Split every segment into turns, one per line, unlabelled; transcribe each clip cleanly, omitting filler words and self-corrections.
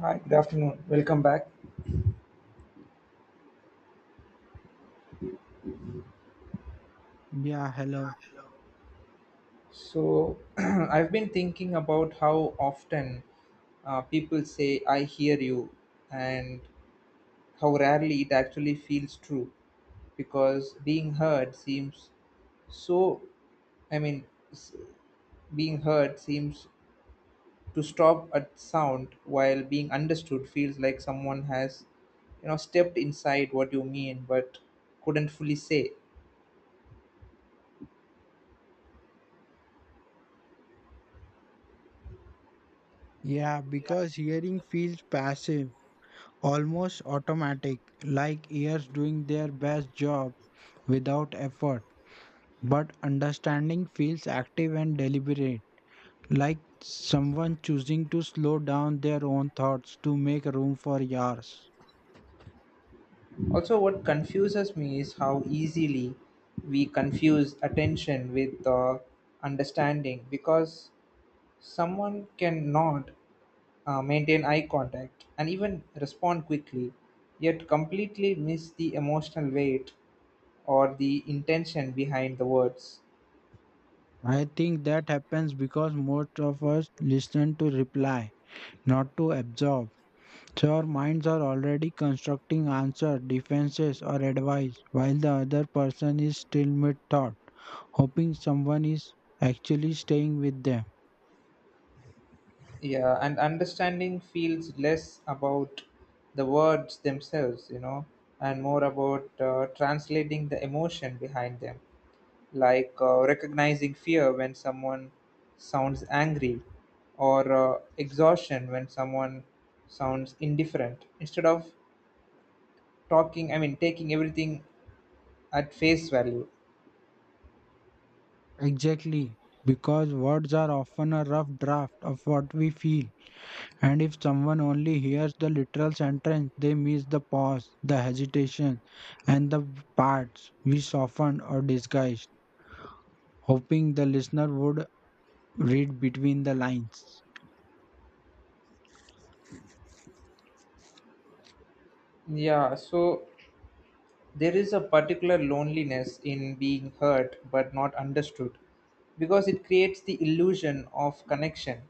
Hi, good afternoon. Welcome back.
Yeah, hello.
So, I've been thinking about how often people say, I hear you, and how rarely it actually feels true because being heard seems so, I mean, s- being heard seems to stop at sound, while being understood feels like someone has, you know, stepped inside what you mean but couldn't fully say.
Yeah, because hearing feels passive, almost automatic, like ears doing their best job without effort. But understanding feels active and deliberate, like someone choosing to slow down their own thoughts to make room for yours.
Also, what confuses me is how easily we confuse attention with understanding, because someone cannot maintain eye contact and even respond quickly, yet completely miss the emotional weight or the intention behind the words.
I think that happens because most of us listen to reply, not to absorb. So our minds are already constructing answer, defenses, or advice, while the other person is still mid thought, hoping someone is actually staying with them.
Yeah, and understanding feels less about the words themselves, you know, and more about translating the emotion behind them. Like recognizing fear when someone sounds angry, or exhaustion when someone sounds indifferent, instead of talking I mean taking everything at face value.
Exactly, because words are often a rough draft of what we feel, and if someone only hears the literal sentence, they miss the pause, the hesitation, and the parts we softened or disguised, hoping the listener would read between the lines.
Yeah, so there is a particular loneliness in being hurt but not understood, because it creates the illusion of connection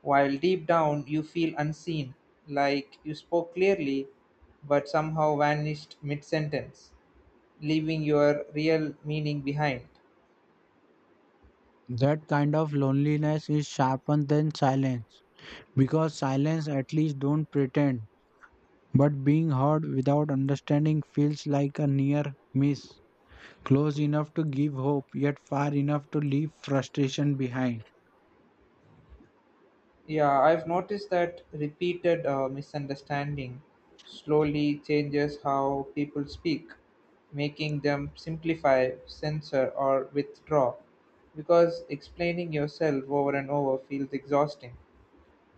while deep down you feel unseen, like you spoke clearly but somehow vanished mid sentence, leaving your real meaning behind.
That kind of loneliness is sharper than silence because silence at least don't pretend, but being heard without understanding feels like a near miss. Close enough to give hope, yet far enough to leave frustration behind.
Yeah, I've noticed that repeated misunderstanding slowly changes how people speak, making them simplify, censor, or withdraw. Because explaining yourself over and over feels exhausting,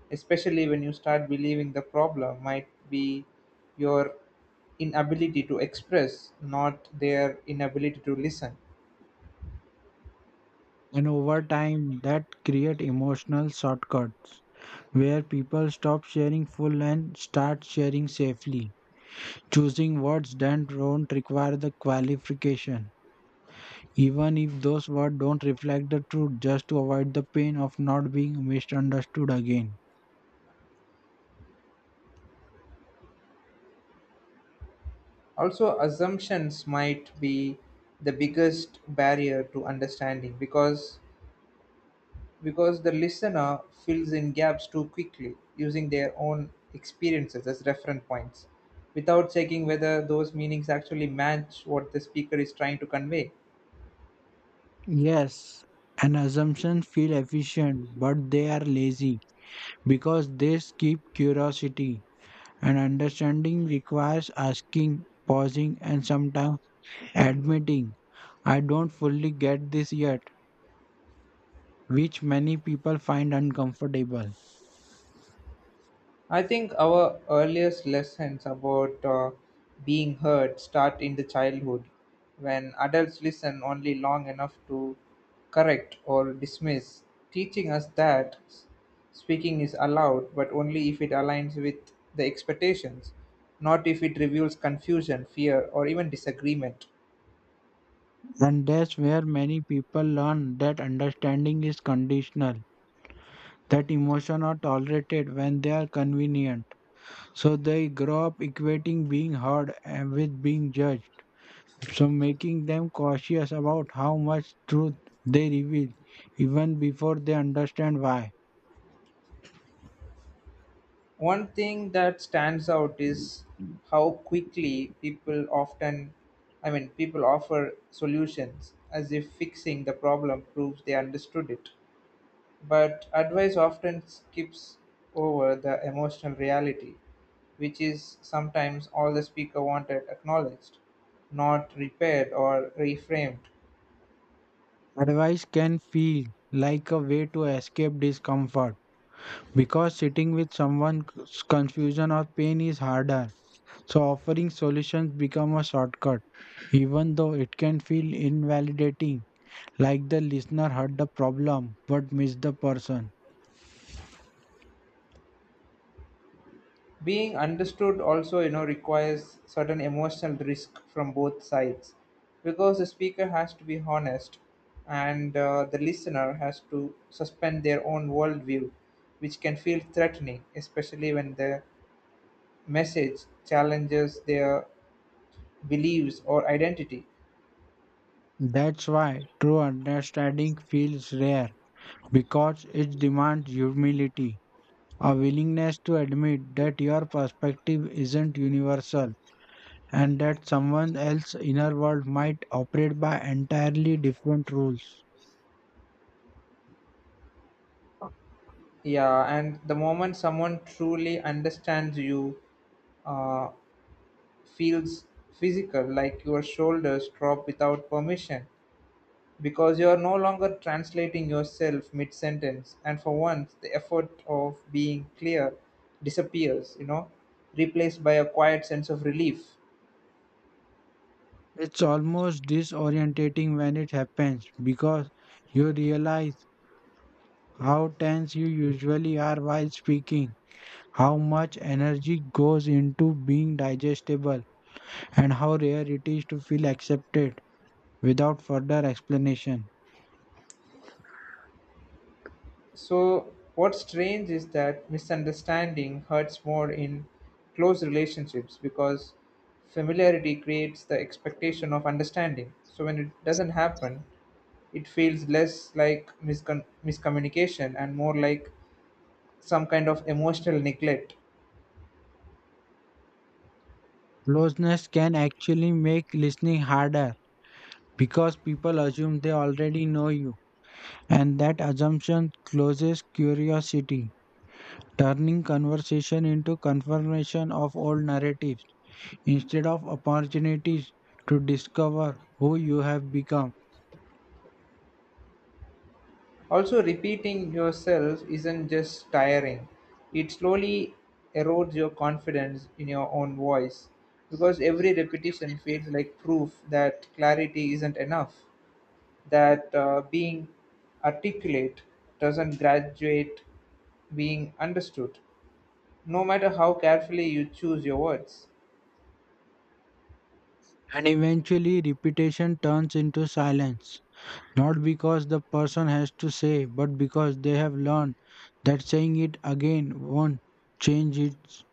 especially when you start believing the problem might be your inability to express, not their inability to listen.
And over time, that create emotional shortcuts where people stop sharing full and start sharing safely, choosing words that don't require the qualification. Even if those words don't reflect the truth, just to avoid the pain of not being misunderstood again.
Also, assumptions might be the biggest barrier to understanding, because the listener fills in gaps too quickly, using their own experiences as reference points, without checking whether those meanings actually match what the speaker is trying to convey.
Yes, and assumptions feel efficient, but they are lazy because they skip curiosity. And understanding requires asking, pausing, and sometimes admitting, I don't fully get this yet, which many people find uncomfortable.
I think our earliest lessons about being heard start in the childhood, when adults listen only long enough to correct or dismiss, teaching us that speaking is allowed, but only if it aligns with the expectations, not if it reveals confusion, fear, or even disagreement.
And that's where many people learn that understanding is conditional, that emotion are tolerated when they are convenient. So they grow up equating being heard and with being judged, so making them cautious about how much truth they reveal even before they understand why.
One thing that stands out is how quickly people often, I mean, people offer solutions as if fixing the problem proves they understood it. But advice often skips over the emotional reality, which is sometimes all the speaker wanted acknowledged, not repaired or reframed.
Advice can feel like a way to escape discomfort because sitting with someone's confusion or pain is harder. So offering solutions become a shortcut, even though it can feel invalidating, like the listener heard the problem but missed the person.
Being understood also, you know, requires certain emotional risk from both sides, because the speaker has to be honest, and the listener has to suspend their own worldview, which can feel threatening, especially when the message challenges their beliefs or identity.
That's why true understanding feels rare because it demands humility, a willingness to admit that your perspective isn't universal and that someone else's inner world might operate by entirely different rules.
Yeah, and the moment someone truly understands you uh, feels physical, like your shoulders drop without permission, because you are no longer translating yourself mid sentence, and for once the effort of being clear disappears, you know, replaced by a quiet sense of relief.
It's almost disorientating when it happens because you realize how tense you usually are while speaking, how much energy goes into being digestible, and how rare it is to feel accepted without further explanation.
So what's strange is that misunderstanding hurts more in close relationships, because familiarity creates the expectation of understanding, so when it doesn't happen it feels less like miscommunication and more like some kind of emotional neglect.
Closeness can actually make listening harder because people assume they already know you, and that assumption closes curiosity, turning conversation into confirmation of old narratives instead of opportunities to discover who you have become.
Also, repeating yourself isn't just tiring, it slowly erodes your confidence in your own voice, because every repetition feels like proof that clarity isn't enough, that being articulate doesn't graduate being understood, no matter how carefully you choose your words.
And eventually, repetition turns into silence. Not because the person has to say, but because they have learned that saying it again won't change its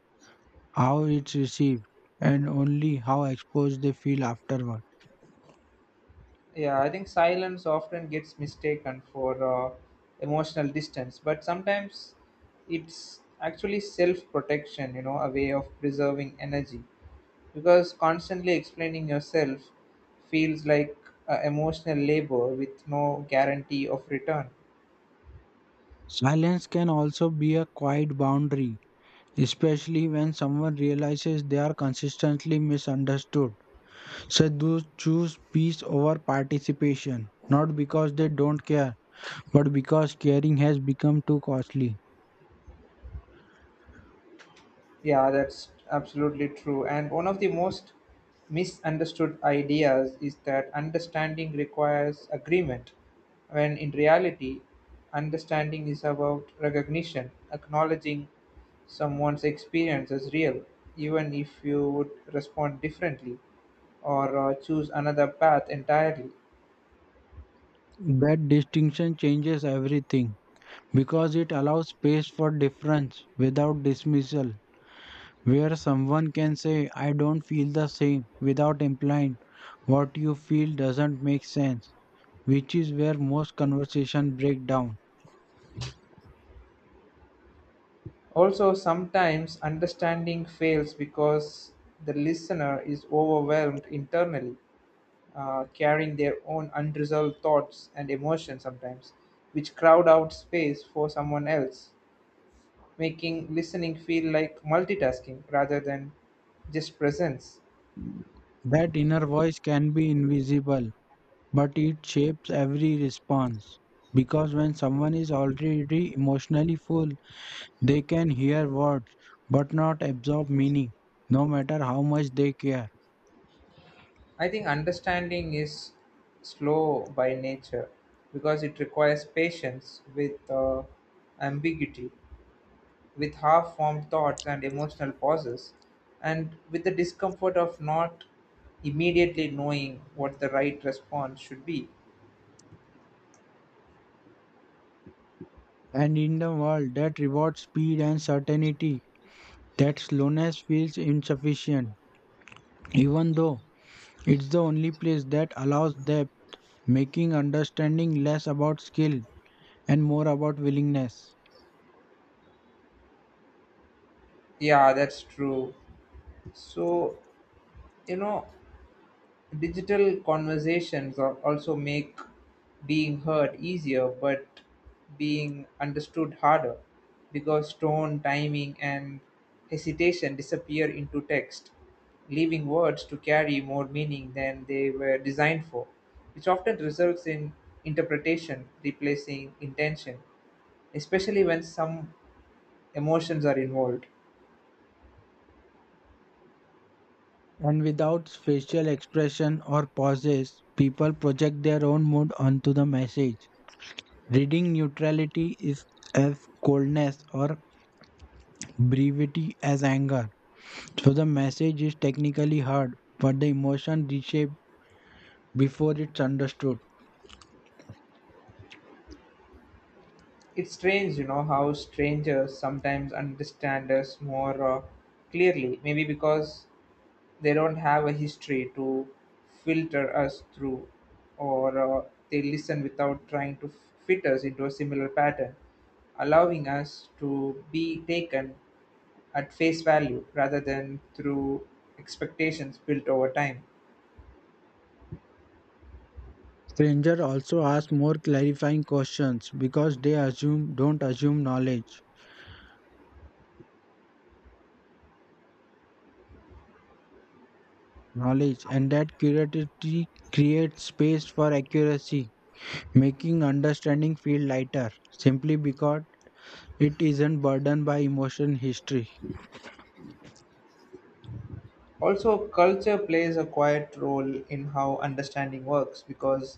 how it's received, and only how exposed they feel afterward.
Yeah, I think silence often gets mistaken for emotional distance, but sometimes it's actually self protection, you know, a way of preserving energy. Because constantly explaining yourself feels like emotional labor with no guarantee of return.
Silence can also be a quiet boundary, especially when someone realizes they are consistently misunderstood. Sadhus choose peace over participation, not because they don't care, but because caring has become too costly.
Yeah, that's absolutely true. And one of the most misunderstood ideas is that understanding requires agreement, when in reality, understanding is about recognition, acknowledging someone's experience as real, even if you would respond differently or choose another path entirely.
That distinction changes everything, because it allows space for difference without dismissal, where someone can say, I don't feel the same, without implying what you feel doesn't make sense, which is where most conversation break down.
Also, sometimes understanding fails because the listener is overwhelmed internally, carrying their own unresolved thoughts and emotions sometimes, which crowd out space for someone else, making listening feel like multitasking rather than just presence.
That inner voice can be invisible, but it shapes every response. Because when someone is already emotionally full, they can hear words but not absorb meaning, no matter how much they care.
I think understanding is slow by nature, because it requires patience with ambiguity, with half formed thoughts and emotional pauses, and with the discomfort of not immediately knowing what the right response should be.
And in the world that rewards speed and certainty, that slowness feels insufficient, even though it's the only place that allows depth, making understanding less about skill and more about willingness.
Yeah, that's true. So, you know, digital conversations also make being heard easier, but being understood harder, because tone, timing, and hesitation disappear into text, leaving words to carry more meaning than they were designed for, which often results in interpretation replacing intention, especially when some emotions are involved.
And without facial expression or pauses, people project their own mood onto the message. Reading neutrality is as coldness or brevity as anger. So the message is technically heard, but the emotion reshaped before it's understood.
It's strange, you know, how strangers sometimes understand us more clearly, maybe because they don't have a history to filter us through, or they listen without trying to fit us into a similar pattern, allowing us to be taken at face value rather than through expectations built over time.
Strangers also ask more clarifying questions because they assume don't assume knowledge. Knowledge and that curiosity creates space for accuracy, making understanding feel lighter simply because it isn't burdened by emotion history.
Also, culture plays a quiet role in how understanding works, because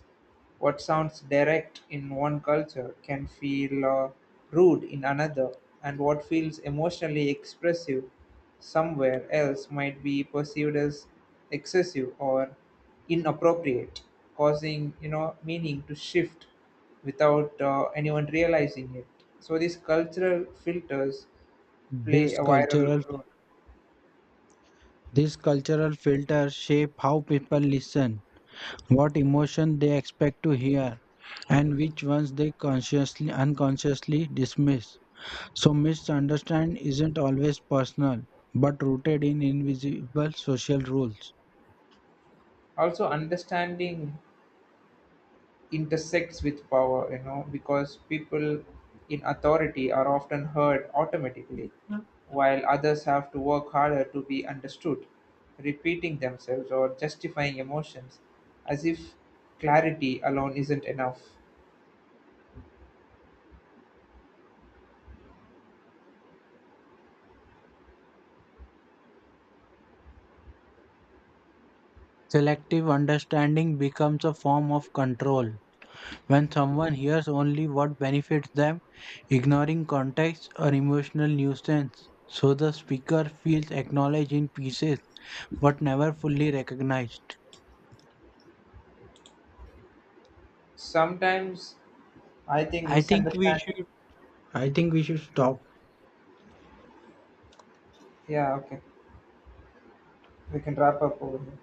what sounds direct in one culture can feel rude in another, and what feels emotionally expressive somewhere else might be perceived as excessive or inappropriate, causing, you know, meaning to shift without anyone realizing it. So these cultural filters play
This
a viral
cultural
role.
this cultural filter shape how people listen, what emotion they expect to hear, and which ones they consciously unconsciously dismiss. So misunderstand isn't always personal, but rooted in invisible social rules.
Also, understanding intersects with power, you know, because people in authority are often heard automatically, while others have to work harder to be understood, repeating themselves or justifying emotions as if clarity alone isn't enough.
Selective understanding becomes a form of control. When someone hears only what benefits them, ignoring context or emotional nuisance, so the speaker feels acknowledged in pieces but never fully recognized.
Sometimes I think
I think we
misunderstanding.
should I think we should stop
Yeah, okay. We can wrap up over here.